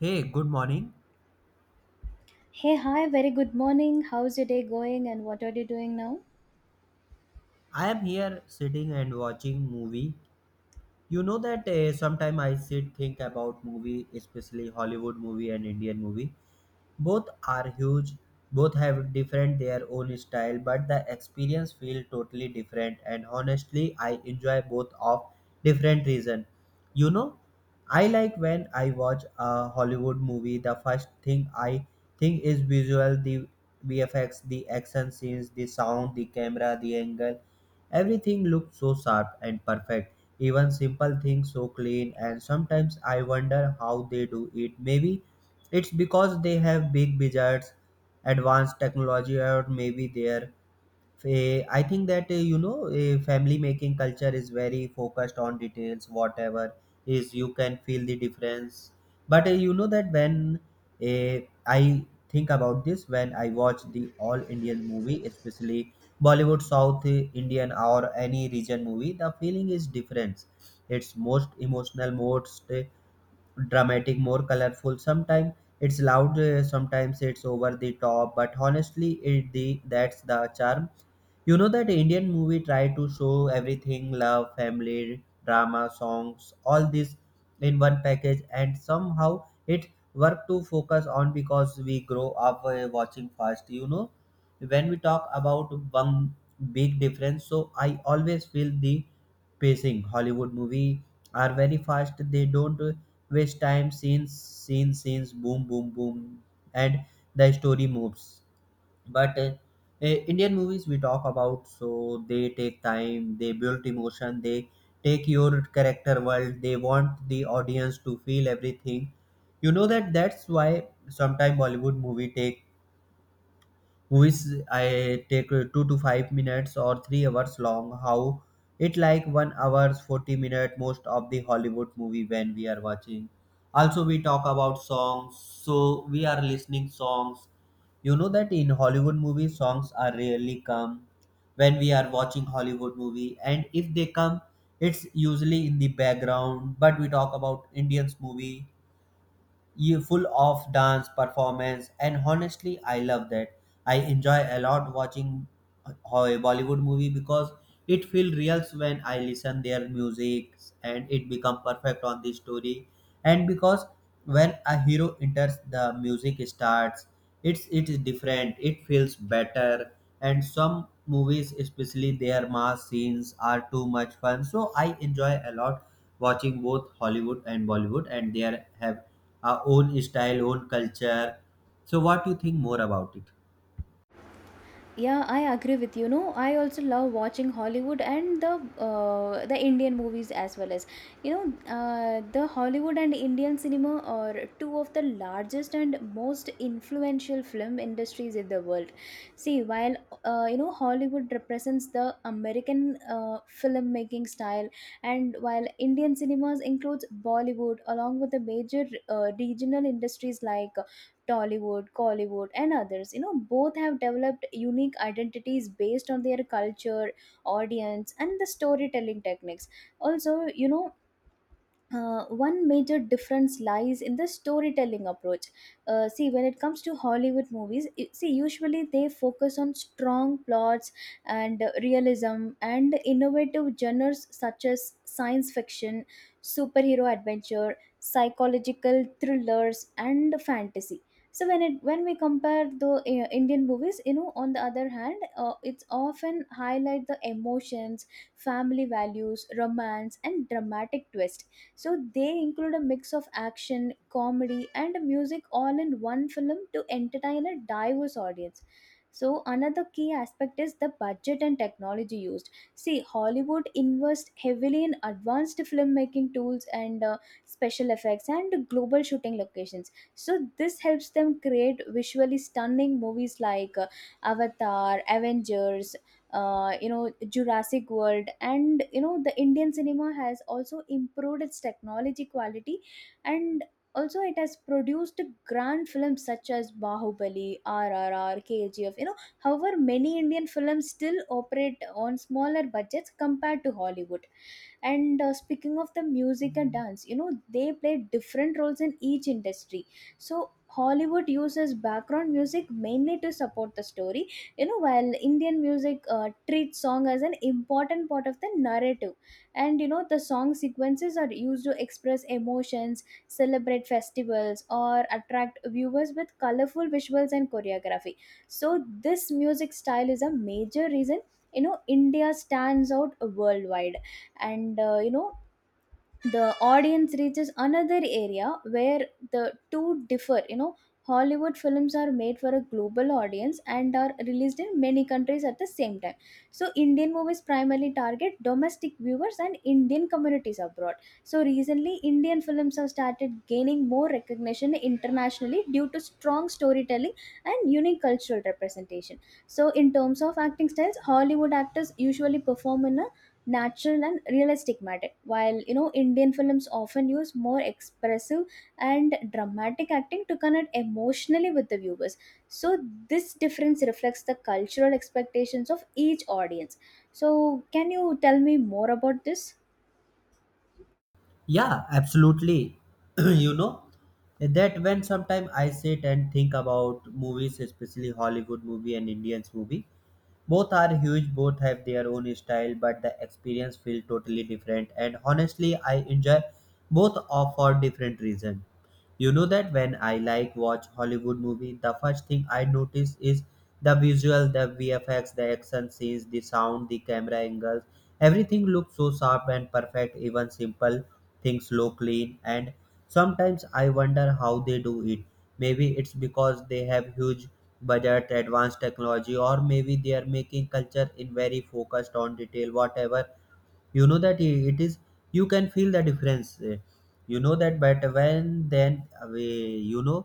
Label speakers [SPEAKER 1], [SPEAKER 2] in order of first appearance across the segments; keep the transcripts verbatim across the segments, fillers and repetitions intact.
[SPEAKER 1] Hey, good morning.
[SPEAKER 2] Hey, hi, very good morning. How's your day going and what are you doing now?
[SPEAKER 1] I am here sitting and watching movie. You know that uh, sometime I sit think about movie, especially Hollywood movie and Indian movie. Both are huge, both have different their own style, but the experience feel totally different and honestly I enjoy both of different reason. You know, I like when I watch a Hollywood movie, the first thing I think is visual, the V F X, the action scenes, the sound, the camera, the angle. Everything looks so sharp and perfect. Even simple things so clean and sometimes I wonder how they do it. Maybe it's because they have big budgets, advanced technology, or maybe they're. fa- I think that uh, you know, a family making culture is very focused on details. Whatever is, you can feel the difference. But uh, you know that when uh, I think about this, when I watch the all Indian movie, especially Bollywood, South uh, Indian, or any region movie, the feeling is different. It's most emotional, most uh, dramatic, more colorful. Sometimes it's loud, uh, sometimes it's over the top, but honestly, it the that's the charm. You know that Indian movie try to show everything: love, family, drama, songs, all this in one package, and somehow it work to focus on because we grow up uh, watching fast. You know, when we talk about one big difference, so I always feel the pacing. Hollywood movie are very fast. They don't uh, waste time scenes scenes scenes boom boom boom and the story moves but uh, eh, indian movies we talk about so they take time, they build emotion, they take your character world, they want the audience to feel everything. You know that that's why sometimes bollywood movie take which I take uh, two to five minutes or three hours long. How it like one hours forty minute most of the Hollywood movie when we are watching. Also we talk about songs, so we are listening songs. You know that in Hollywood movies songs are rarely come when we are watching Hollywood movie, and if they come, it's usually in the background. But we talk about Indians movie you full of dance performance and honestly I love that I enjoy a lot watching a Bollywood movie because it feels real when I listen their music and it become perfect on the story. And because when a hero enters the music starts, it's it is different, it feels better. And some movies, especially their mass scenes, are too much fun. So I enjoy a lot watching both Hollywood and Bollywood and they are- have our own style, own culture. So what do you think more about it?
[SPEAKER 2] Yeah, I agree with you. No, I also love watching Hollywood and the uh, the Indian movies as well. As you know uh, the Hollywood and Indian cinema are two of the largest and most influential film industries in the world. See, while uh, you know, Hollywood represents the American uh, filmmaking style, and while Indian cinemas includes Bollywood along with the major uh, regional industries like Tollywood, Collywood, and others. You know, both have developed unique identities based on their culture, audience, and the storytelling techniques. Also, you know, uh, one major difference lies in the storytelling approach. Uh, see, when it comes to Hollywood movies, i- see, usually they focus on strong plots and uh, realism and innovative genres such as science fiction, superhero adventure, psychological thrillers, and fantasy. So when it when we compare the uh, Indian movies, you know, on the other hand, uh, it's often highlight the emotions, family values, romance, and dramatic twist, so they include a mix of action, comedy, and music all in one film to entertain a diverse audience. So another key aspect is the budget and technology used. See, Hollywood invests heavily in advanced filmmaking tools and uh, special effects and global shooting locations. So this helps them create visually stunning movies like uh, Avatar, Avengers, uh, you know, Jurassic World. And you know, the Indian cinema has also improved its technology quality and also it has produced grand films such as Bahubali, triple R, K G F. You know, however, many Indian films still operate on smaller budgets compared to Hollywood. And uh, speaking of the music and dance, you know, they play different roles in each industry. So Hollywood uses background music mainly to support the story, you know, while Indian music uh, treats song as an important part of the narrative. And you know, the song sequences are used to express emotions, celebrate festivals, or attract viewers with colorful visuals and choreography. So this music style is a major reason, you know, India stands out worldwide. And uh, you know, the audience reaches another area where the two differ. You know, Hollywood films are made for a global audience and are released in many countries at the same time, so Indian movies primarily target domestic viewers and Indian communities abroad. So recently Indian films have started gaining more recognition internationally due to strong storytelling and unique cultural representation. So in terms of acting styles, Hollywood actors usually perform in a natural and realistic matter, while you know, Indian films often use more expressive and dramatic acting to connect emotionally with the viewers. So this difference reflects the cultural expectations of each audience. So can you tell me more about this?
[SPEAKER 1] Yeah, absolutely. You know, that when sometimes I sit and think about movies, especially Hollywood movie and Indians movie, both are huge, both have their own style, but the experience feel totally different. And honestly, I enjoy both of for different reason. You know that when I like watch Hollywood movie, the first thing I notice is the visual, the V F X, the action scenes, the sound, the camera angles. Everything looks so sharp and perfect. Even simple things look clean. And sometimes I wonder how they do it. Maybe it's because they have huge budget, advanced technology, or maybe they are making culture in very focused on detail. Whatever you know that i- it is you can feel the difference eh, you know that but when then uh, we- you know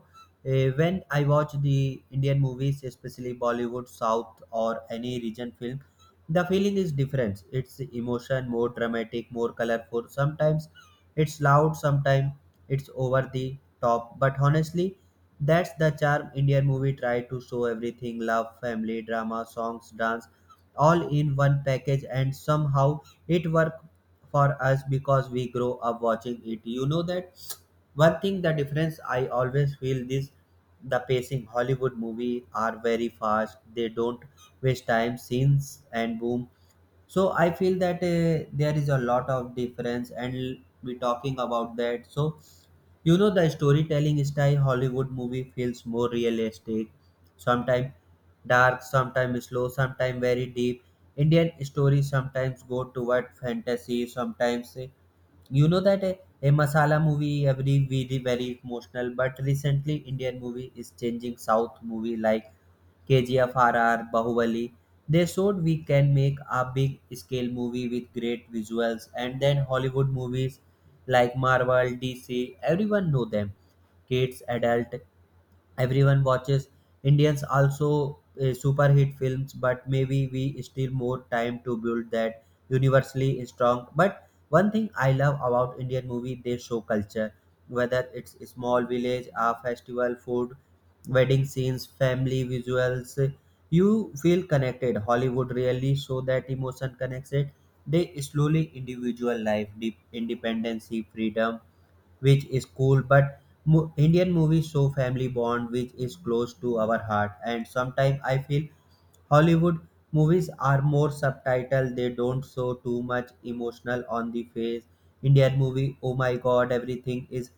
[SPEAKER 1] eh, when I watch the indian movies, especially bollywood south or any region film, the feeling is different. It's emotion, more dramatic, more colorful. Sometimes it's loud, sometimes it's over the top, but honestly, that's the charm. Indian movie try to show everything: love, family, drama, songs, dance, all in one package, and somehow it worked for us because we grow up watching it. You know that one thing, the difference I always feel this, the pacing. Hollywood movie are very fast. They don't waste time, scenes and boom. So I feel that uh, there is a lot of difference and we talking about that. So you know the storytelling style, hollywood movie feels more realistic. Sometimes dark, sometimes slow, sometimes very deep. Indian stories sometimes go toward fantasy, sometimes uh, you know that uh, a masala movie every very very emotional. But recently indian movie is changing, south movie like K G F R R, Bahubali. They showed we can make a big scale movie with great visuals. And then Hollywood movies like Marvel, D C, everyone know them. Kids, adult, everyone watches. Indians also uh, super hit films, but maybe we still more time to build that universally is strong. But one thing I love about indian movie, they show culture, whether it's a small village, a festival, food, wedding scenes, family visuals. You feel connected. Hollywood really show that emotion connects it. They slowly individual life, deep independency, freedom, which is cool. But mo- indian movies show family bond, which is close to our heart. And sometimes I feel Hollywood movies are more subtitled, they don't show too much emotional on the face. Indian movie, oh my god, everything is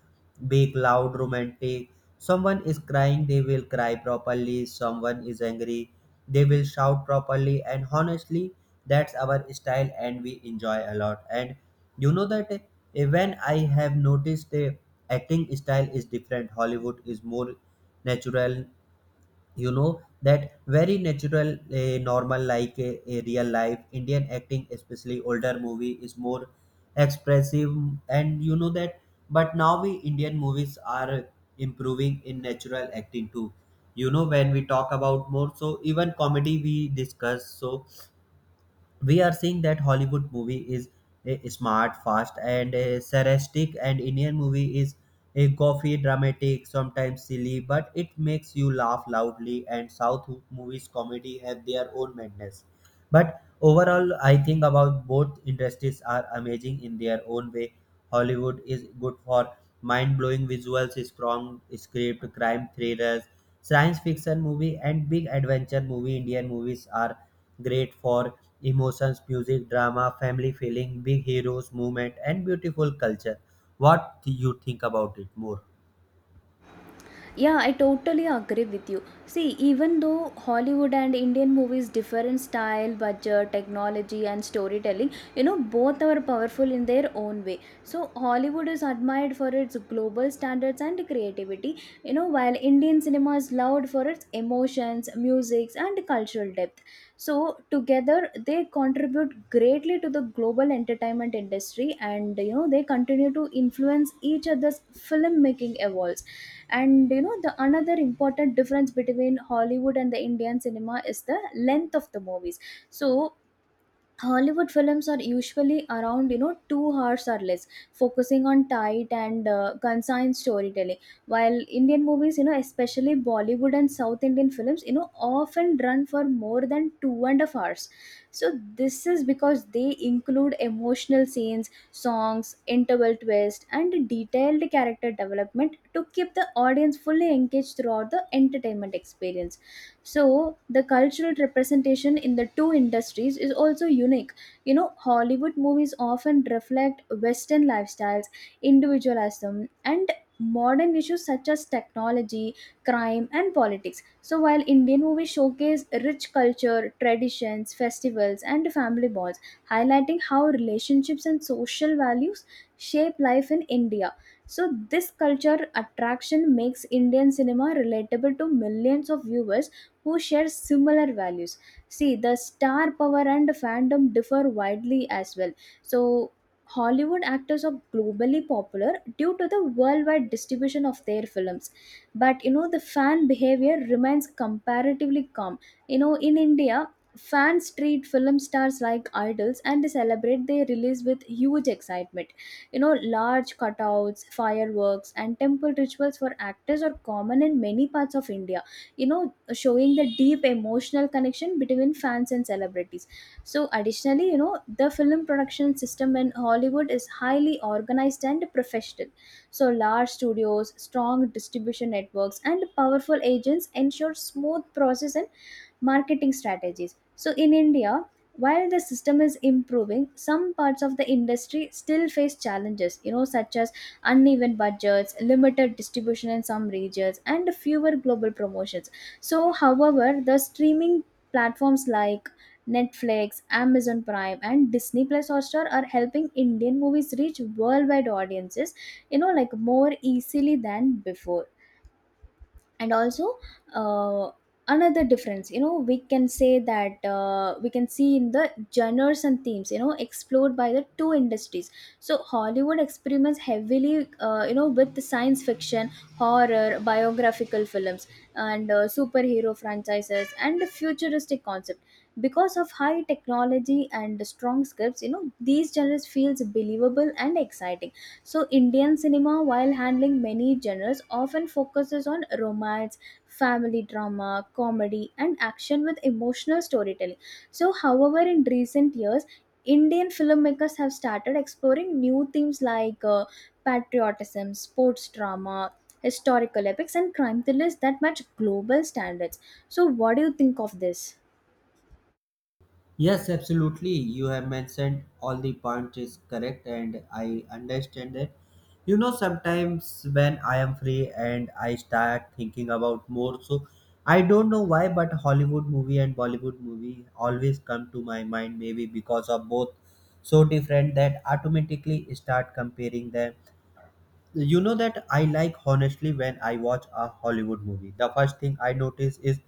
[SPEAKER 1] big, loud, romantic. Someone is crying, they will cry properly. Someone is angry, they will shout properly. And honestly, that's our style and we enjoy a lot. And you know that eh, when I have noticed the acting style is different, Hollywood is more natural. You know that very natural, uh, normal like a, a real life. Indian acting, especially older movie, is more expressive. And you know that but now we indian movies are improving in natural acting too. You know when we talk about more, so even comedy we discuss, so we are seeing that Hollywood movie is a smart, fast, and a sarcastic, and Indian movie is a goofy, dramatic, sometimes silly, but it makes you laugh loudly. And South movies comedy have their own madness. But overall, I think about both industries are amazing in their own way. Hollywood is good for mind-blowing visuals, strong script, crime thrillers, science fiction movie, and big adventure movie. Indian movies are great for emotions, music, drama, family feeling, big heroes, movement, and beautiful culture. What do you think about it more?
[SPEAKER 2] Yeah, I totally agree with you. See, even though Hollywood and Indian movies differ in style, budget, technology, and storytelling, you know, both are powerful in their own way. So Hollywood is admired for its global standards and creativity, you know, while Indian cinema is loved for its emotions, music, and cultural depth. So together, they contribute greatly to the global entertainment industry and, you know, they continue to influence each other's filmmaking evolves. And you know, the another important difference between Hollywood and the Indian cinema is the length of the movies. So Hollywood films are usually around, you know, two hours or less, focusing on tight and uh, concise storytelling, while Indian movies, you know, especially Bollywood and South Indian films, you know, often run for more than two and a half hours. So this is because they include emotional scenes, songs, interval twist, and detailed character development to keep the audience fully engaged throughout the entertainment experience. So the cultural representation in the two industries is also unique. You know, Hollywood movies often reflect western lifestyles, individualism, and modern issues such as technology, crime, and politics, so while Indian movies showcase rich culture, traditions, festivals, and family bonds, highlighting how relationships and social values shape life in India. So this culture attraction makes Indian cinema relatable to millions of viewers who share similar values. See, the star power and fandom differ widely as well. So Hollywood actors are globally popular due to the worldwide distribution of their films, but you know, the fan behavior remains comparatively calm. You know, in India, fans treat film stars like idols and celebrate their release with huge excitement. You know, large cutouts, fireworks, and temple rituals for actors are common in many parts of India, you know, showing the deep emotional connection between fans and celebrities. So additionally, you know, the film production system in Hollywood is highly organized and professional. So large studios, strong distribution networks, and powerful agents ensure smooth process and marketing strategies. So in India, while the system is improving, some parts of the industry still face challenges, you know, such as uneven budgets, limited distribution in some regions, and fewer global promotions. So however, the streaming platforms like Netflix, Amazon Prime, and Disney Plus Hotstar are helping Indian movies reach worldwide audiences, you know, like more easily than before. And also, uh, another difference, you know, we can say that uh, we can see in the genres and themes, you know, explored by the two industries. So Hollywood experiments heavily, uh, you know, with the science fiction, horror, biographical films, and uh, superhero franchises and the futuristic concept. Because of high technology and strong scripts, you know, these genres feels believable and exciting. So Indian cinema, while handling many genres, often focuses on romance, family drama, comedy, and action with emotional storytelling. So however, in recent years, Indian filmmakers have started exploring new themes like uh, patriotism, sports drama, historical epics, and crime thrillers that match global standards. So what do you think of this?
[SPEAKER 1] Yes, absolutely. You have mentioned all the points is correct and I understand it. You know, sometimes when I am free and I start thinking about more, so I don't know why, but Hollywood movie and Bollywood movie always come to my mind, maybe because of both so different that automatically start comparing them. You know that I like, honestly, when I watch a hollywood movie the first thing I notice is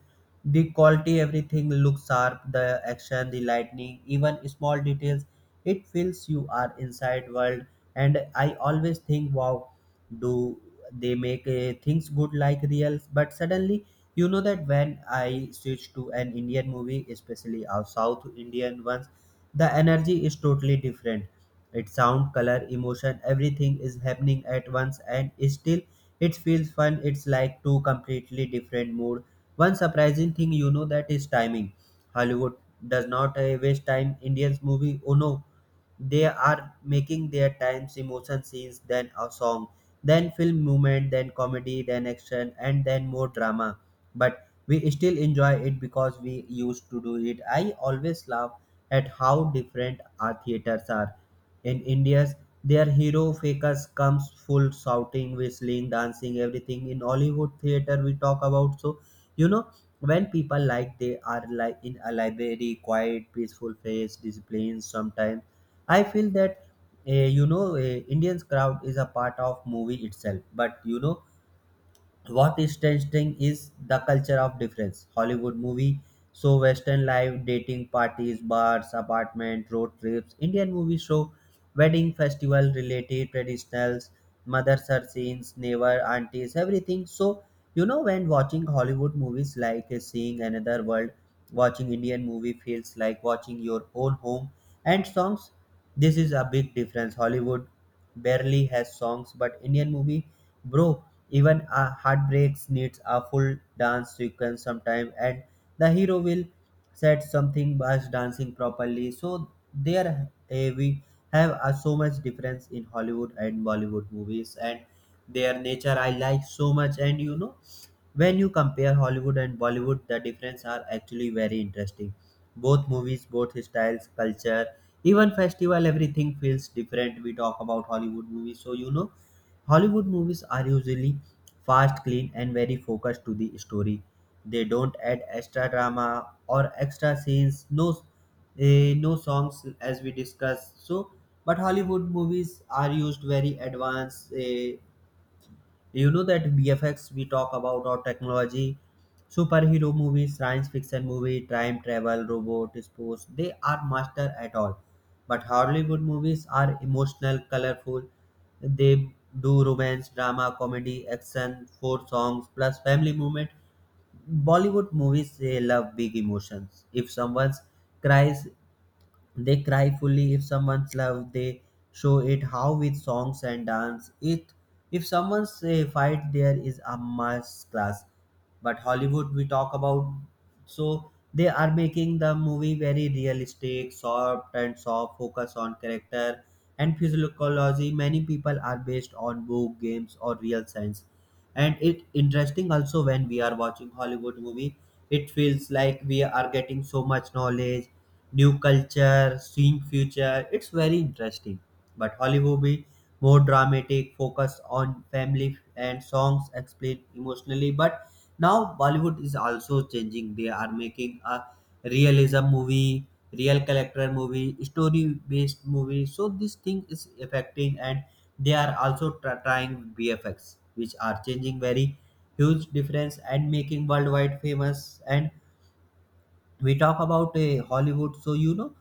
[SPEAKER 1] the quality. Everything looks sharp, the action, the lightning, even small details. It feels you are inside world. And I always think wow, do they make uh, things good like real. But suddenly you know that when I switch to an indian movie, especially our south indian ones, the energy is totally different. It's sound, color, emotion, everything is happening at once and still it feels fun. It's like two completely different mood. One surprising thing you know that is timing. Hollywood does not uh, waste time. Indians movie, oh no, they are making their times emotion scenes then a song then film movement then comedy then action and then more drama, but we still enjoy it because we used to do it. I always laugh at how different our theaters are. In India's, their hero fakers comes full shouting, whistling, dancing, everything. In Hollywood theater, we talk about, so you know when people like, they are like in a library, quiet, peaceful face, discipline. Sometimes I feel that uh, you know uh, Indians crowd is a part of movie itself, but you know what is testing is the culture of difference. Hollywood movie, so Western life, dating parties, bars, apartment, road trips. Indian movie show wedding festival related traditionals, mothers are scenes, neighbor, aunties, everything. So you know when watching Hollywood movies like uh, seeing another world, watching Indian movie feels like watching your own home. And songs. This is a big difference. Hollywood barely has songs, but Indian movie, bro. Even a heartbreaks needs a full dance sequence sometime, and the hero will set something by dancing properly. So there eh, we have a so much difference in Hollywood and Bollywood movies and their nature I like so much. And you know, when you compare Hollywood and Bollywood, the difference are actually very interesting. Both movies, both styles, culture, even festival, everything feels different. We talk about Hollywood movies, so you know Hollywood movies are usually fast, clean, and very focused to the story. They don't add extra drama or extra scenes, no, eh, no songs as we discussed. So, but Hollywood movies are used very advanced. Eh, you know that B F X we talk about our technology, superhero movies, science fiction movie, time travel, robot, sports. They are master at all. But Hollywood movies are emotional, colorful. They do romance, drama, comedy, action, four songs plus family movement. Bollywood movies they love big emotions. If someone cries, they cry fully if someone's love. They show it how with songs and dance. It if someone's a fight, there is a mass class. But Hollywood, we talk about, so they are making the movie very realistic, soft and soft, focus on character and physiology. Many people are based on book, games, or real science. And it interesting also when we are watching Hollywood movie, it feels like we are getting so much knowledge new culture, seeing future. It's very interesting. But Hollywood be more dramatic, focus on family and songs explain emotionally. But now Bollywood is also changing. They are making a realism movie, real character movie, story based movie. So this thing is affecting and they are also try- trying B F X, which are changing very huge difference and making worldwide famous. And we talk about a Hollywood, so you know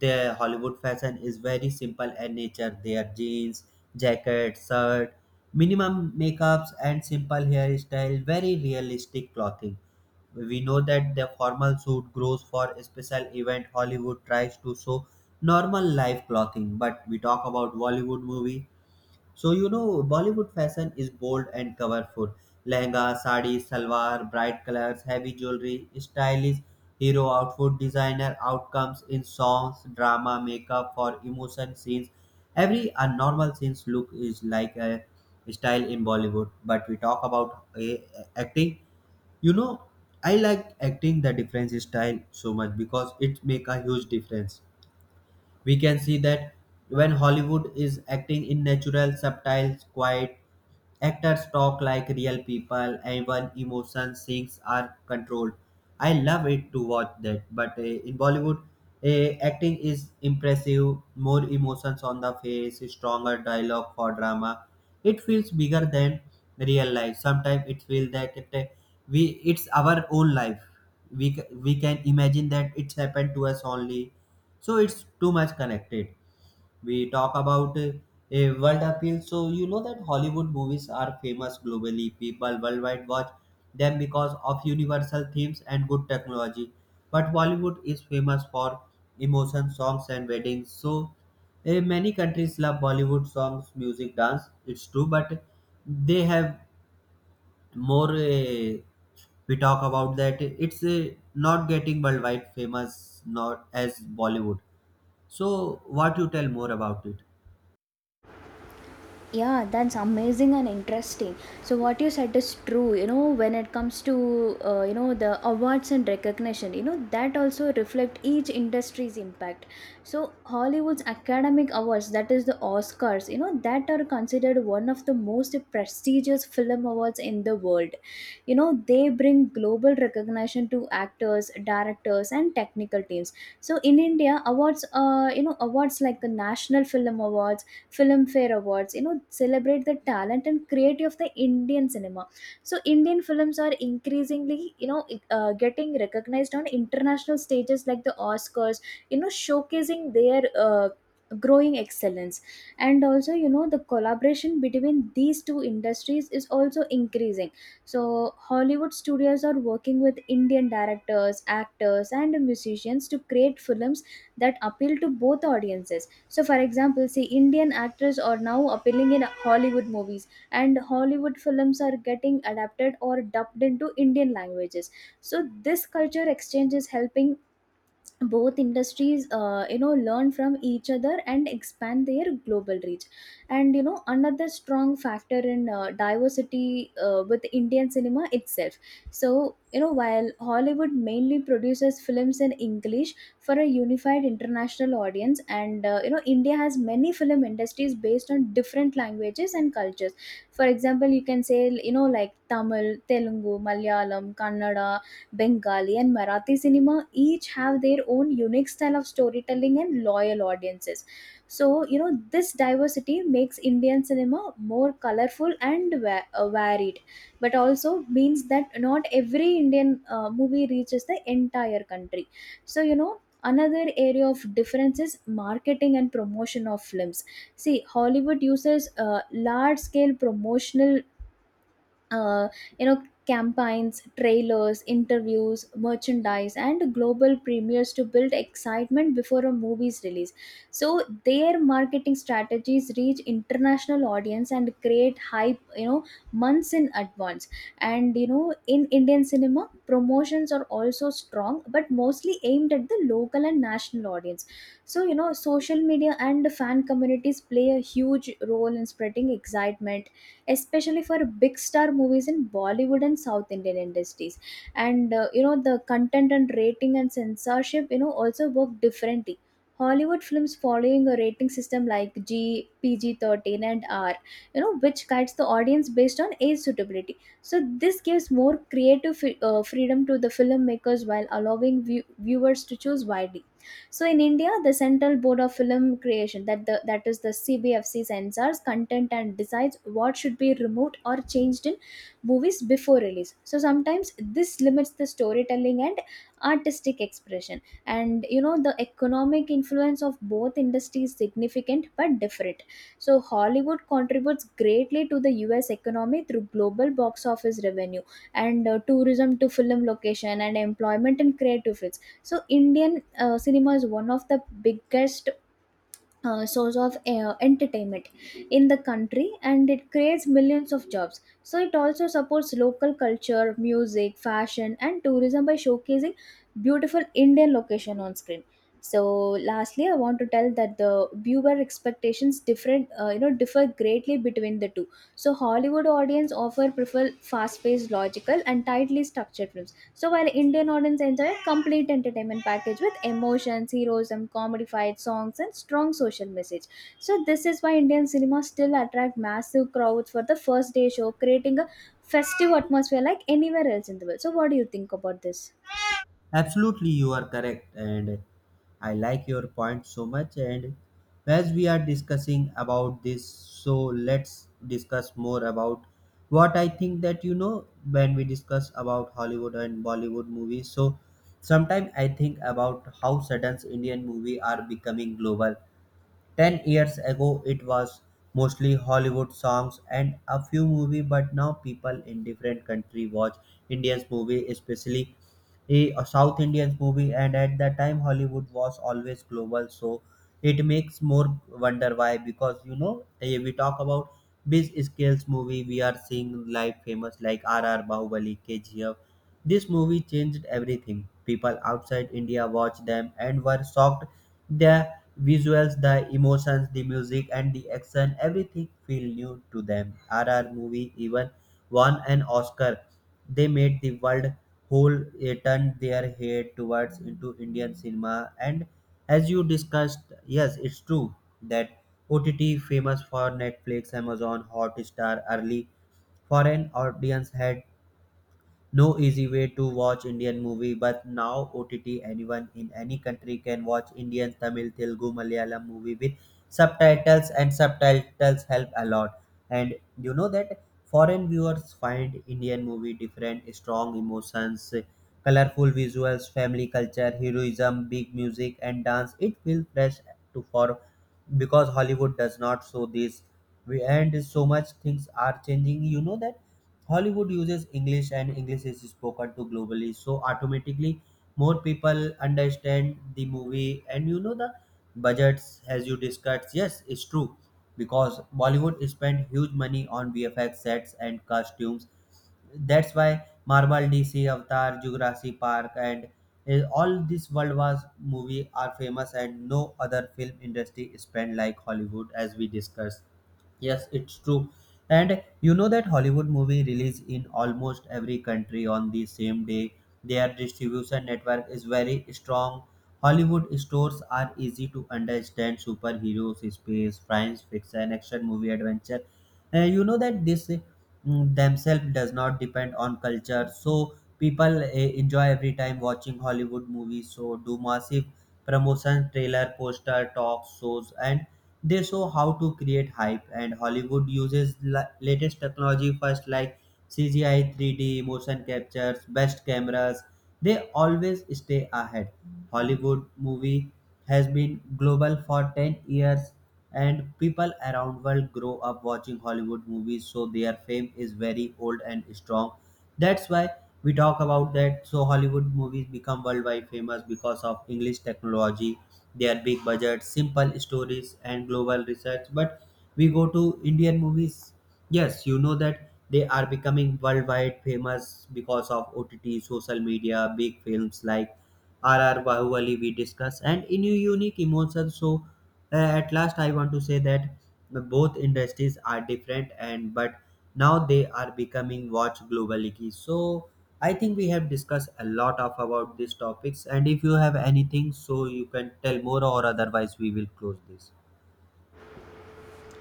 [SPEAKER 1] the Hollywood fashion is very simple and nature. Their jeans, jacket, shirt, minimum makeups, and simple hairstyle, very realistic clothing. We know that the formal suit grows for a special event. Hollywood tries to show normal life clothing, but we talk about Bollywood movie, so you know, Bollywood fashion is bold and colorful. Lehenga, sari, salwar, bright colors, heavy jewelry, stylish hero outfit, designer outcomes in songs, drama, makeup for emotion scenes. Every abnormal scenes look is like a style in Bollywood. But we talk about eh, acting. You know, I like acting the difference style so much because it make a huge difference. We can see that when Hollywood is acting in natural, subtle, quiet, actors talk like real people, and even emotions, things are controlled. I love it to watch that. But uh, in Bollywood, uh, acting is impressive, more emotions on the face, stronger dialogue for drama. It feels bigger than real life. Sometimes it feels that it, uh, we it's our own life. We ca- we can imagine that it's happened to us only, so it's too much connected. We talk about uh, a world appeal, so you know that Hollywood movies are famous globally. People worldwide watch them because of universal themes and good technology, but Bollywood is famous for emotion songs and weddings. So uh, many countries love Bollywood songs, music, dance, it's true, but they have more uh, we talk about that it's uh, not getting worldwide famous, not as Bollywood. So, what you tell more about it?
[SPEAKER 2] Yeah, that's amazing and interesting. So what you said is true. You know, when it comes to uh, you know, the awards and recognition, you know, that also reflect each industry's impact. So Hollywood's academic awards, that is the Oscars, you know, that are considered one of the most prestigious film awards in the world. You know, they bring global recognition to actors, directors, and technical teams. So in India awards, uh, you know, awards like the National Film Awards, Filmfare Awards, you know, celebrate the talent and creativity of the Indian cinema. So Indian films are increasingly, you know, uh, getting recognized on international stages like the Oscars, you know, showcasing their uh, growing excellence. And also, you know, the collaboration between these two industries is also increasing. So Hollywood studios are working with Indian directors, actors, and musicians to create films that appeal to both audiences. So, for example, see, Indian actors are now appearing in Hollywood movies, and Hollywood films are getting adapted or dubbed into Indian languages. So this culture exchange is helping both industries uh, you know, learn from each other and expand their global reach. And you know, another strong factor in uh, diversity uh, with Indian cinema itself. So you know, while Hollywood mainly produces films in English for a unified international audience, and uh, you know, India has many film industries based on different languages and cultures. For example, you can say, you know, like Tamil, Telugu, Malayalam, Kannada, Bengali, and Marathi cinema each have their own unique style of storytelling and loyal audiences. So, you know, this diversity makes Indian cinema more colorful and va- uh, varied, but also means that not every Indian uh, movie reaches the entire country. So, you know, another area of difference is marketing and promotion of films. See, Hollywood uses uh, large scale promotional uh, you know, campaigns, trailers, interviews, merchandise, and global premieres to build excitement before a movie's release. So their marketing strategies reach international audience and create hype, you know, months in advance. And you know, in Indian cinema promotions are also strong but mostly aimed at the local and national audience. So you know, social media and fan communities play a huge role in spreading excitement, especially for big star movies in Bollywood and South Indian industries. And uh, you know, the content and rating and censorship, you know, also work differently. Hollywood films following a rating system like G, P G thirteen, and R, you know, which guides the audience based on age suitability. So this gives more creative fi- uh, freedom to the filmmakers while allowing view- viewers to choose widely. So in India, the Central Board of Film Creation, that the that is the C B F C, censors content and decides what should be removed or changed in movies before release. So sometimes this limits the storytelling and artistic expression. And you know, the economic influence of both industries is significant but different. So Hollywood contributes greatly to the U S economy through global box office revenue and uh, tourism to film location and employment in creative fields. So Indian uh, cinema is one of the biggest uh, source of uh, entertainment in the country and it creates millions of jobs. So it also supports local culture, music, fashion, and tourism by showcasing beautiful Indian location on screen. So lastly, I want to tell that the viewer expectations different, uh, you know, differ greatly between the two. So Hollywood audience often prefer fast paced, logical, and tightly structured films, so while Indian audience enjoy a complete entertainment package with emotions, heroism, comedy fights, songs, and strong social message. So this is why Indian cinema still attract massive crowds for the first day show, creating a festive atmosphere like anywhere else in the world. So what do you think about this?
[SPEAKER 1] Absolutely, you are correct, and I like your point so much. And as we are discussing about this, so let's discuss more about what I think that you know when we discuss about Hollywood and Bollywood movies. So, sometimes I think about how sudden Indian movie are becoming global. Ten years ago, it was mostly Hollywood songs and a few movies, but now people in different country watch Indian movie, especially a a South Indian movie. And at that time, Hollywood was always global, so it makes more wonder why. Because you know, eh, we talk about big scales movie, we are seeing like famous like R R Bahubali, K G F. This movie changed everything. People outside India watched them and were shocked. They visuals, the emotions, the music, and the action, everything feel new to them. R R movie even won an Oscar. They made the world whole eh, turn their head towards into Indian cinema. And as you discussed, yes, it's true that O T T famous for Netflix, Amazon, Hotstar, early foreign audience had no easy way to watch Indian movie, but now O T T anyone in any country can watch Indian, Tamil, Telugu, Malayalam movie with subtitles, and subtitles help a lot. And you know that foreign viewers find Indian movie different, strong emotions, colorful visuals, family culture, heroism, big music and dance. It feels fresh to for because Hollywood does not show this. We and so much things are changing. You know that Hollywood uses English and English is spoken to globally, so automatically more people understand the movie. And you know the budgets, as you discussed, yes, it's true because Bollywood spent huge money on V F X sets and costumes. That's why Marvel, D C, Avatar, Jurassic Park, and eh, all these World Wars movie are famous, and no other film industry spent like Hollywood, as we discussed. Yes, it's true. And you know that Hollywood movie release in almost every country on the same day. Their distribution network is very strong. Hollywood stores are easy to understand superheroes, space, science fiction, action movie, adventure. Uh, you know that this uh, mm, themselves does not depend on culture. So people uh, enjoy every time watching Hollywood movies. So do massive promotion, trailer, poster, talk shows, and they show how to create hype. And Hollywood uses la- latest technology first like CGI, three d motion captures, best cameras. They always stay ahead. Hollywood movie has been global for ten years, and people around world grow up watching Hollywood movies, so their fame is very old and strong. That's why we talk about that. So Hollywood movies become worldwide famous because of English technology, their big budgets, simple stories, and global research. But we go to Indian movies. Yes, you know that they are becoming worldwide famous because of O T T, social media, big films like R R Bahubali we discussed and in a unique emotions. So uh, at last I want to say that both industries are different, and but now they are becoming watch globally. Ki. So I think we have discussed a lot of about these topics, and if you have anything so you can tell more or otherwise we will close this.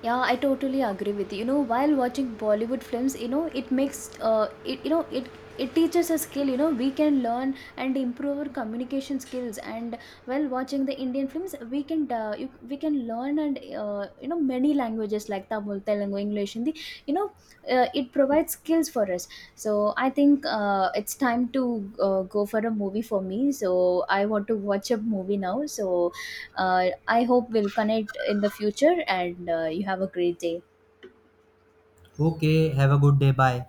[SPEAKER 2] Yeah, I totally agree with you. You know, while watching Bollywood films, you know, it makes uh, it you know it it teaches a skill. You know, we can learn and improve our communication skills. And while watching the Indian films, we can uh, you, we can learn and uh, you know, many languages like Tamil, Telugu, English, Hindi. You know, uh, it provides skills for us. So I think uh, it's time to uh, go for a movie for me. So I want to watch a movie now. So uh, I hope we'll connect in the future, and uh, you have a great day.
[SPEAKER 1] Okay, have a good day. Bye.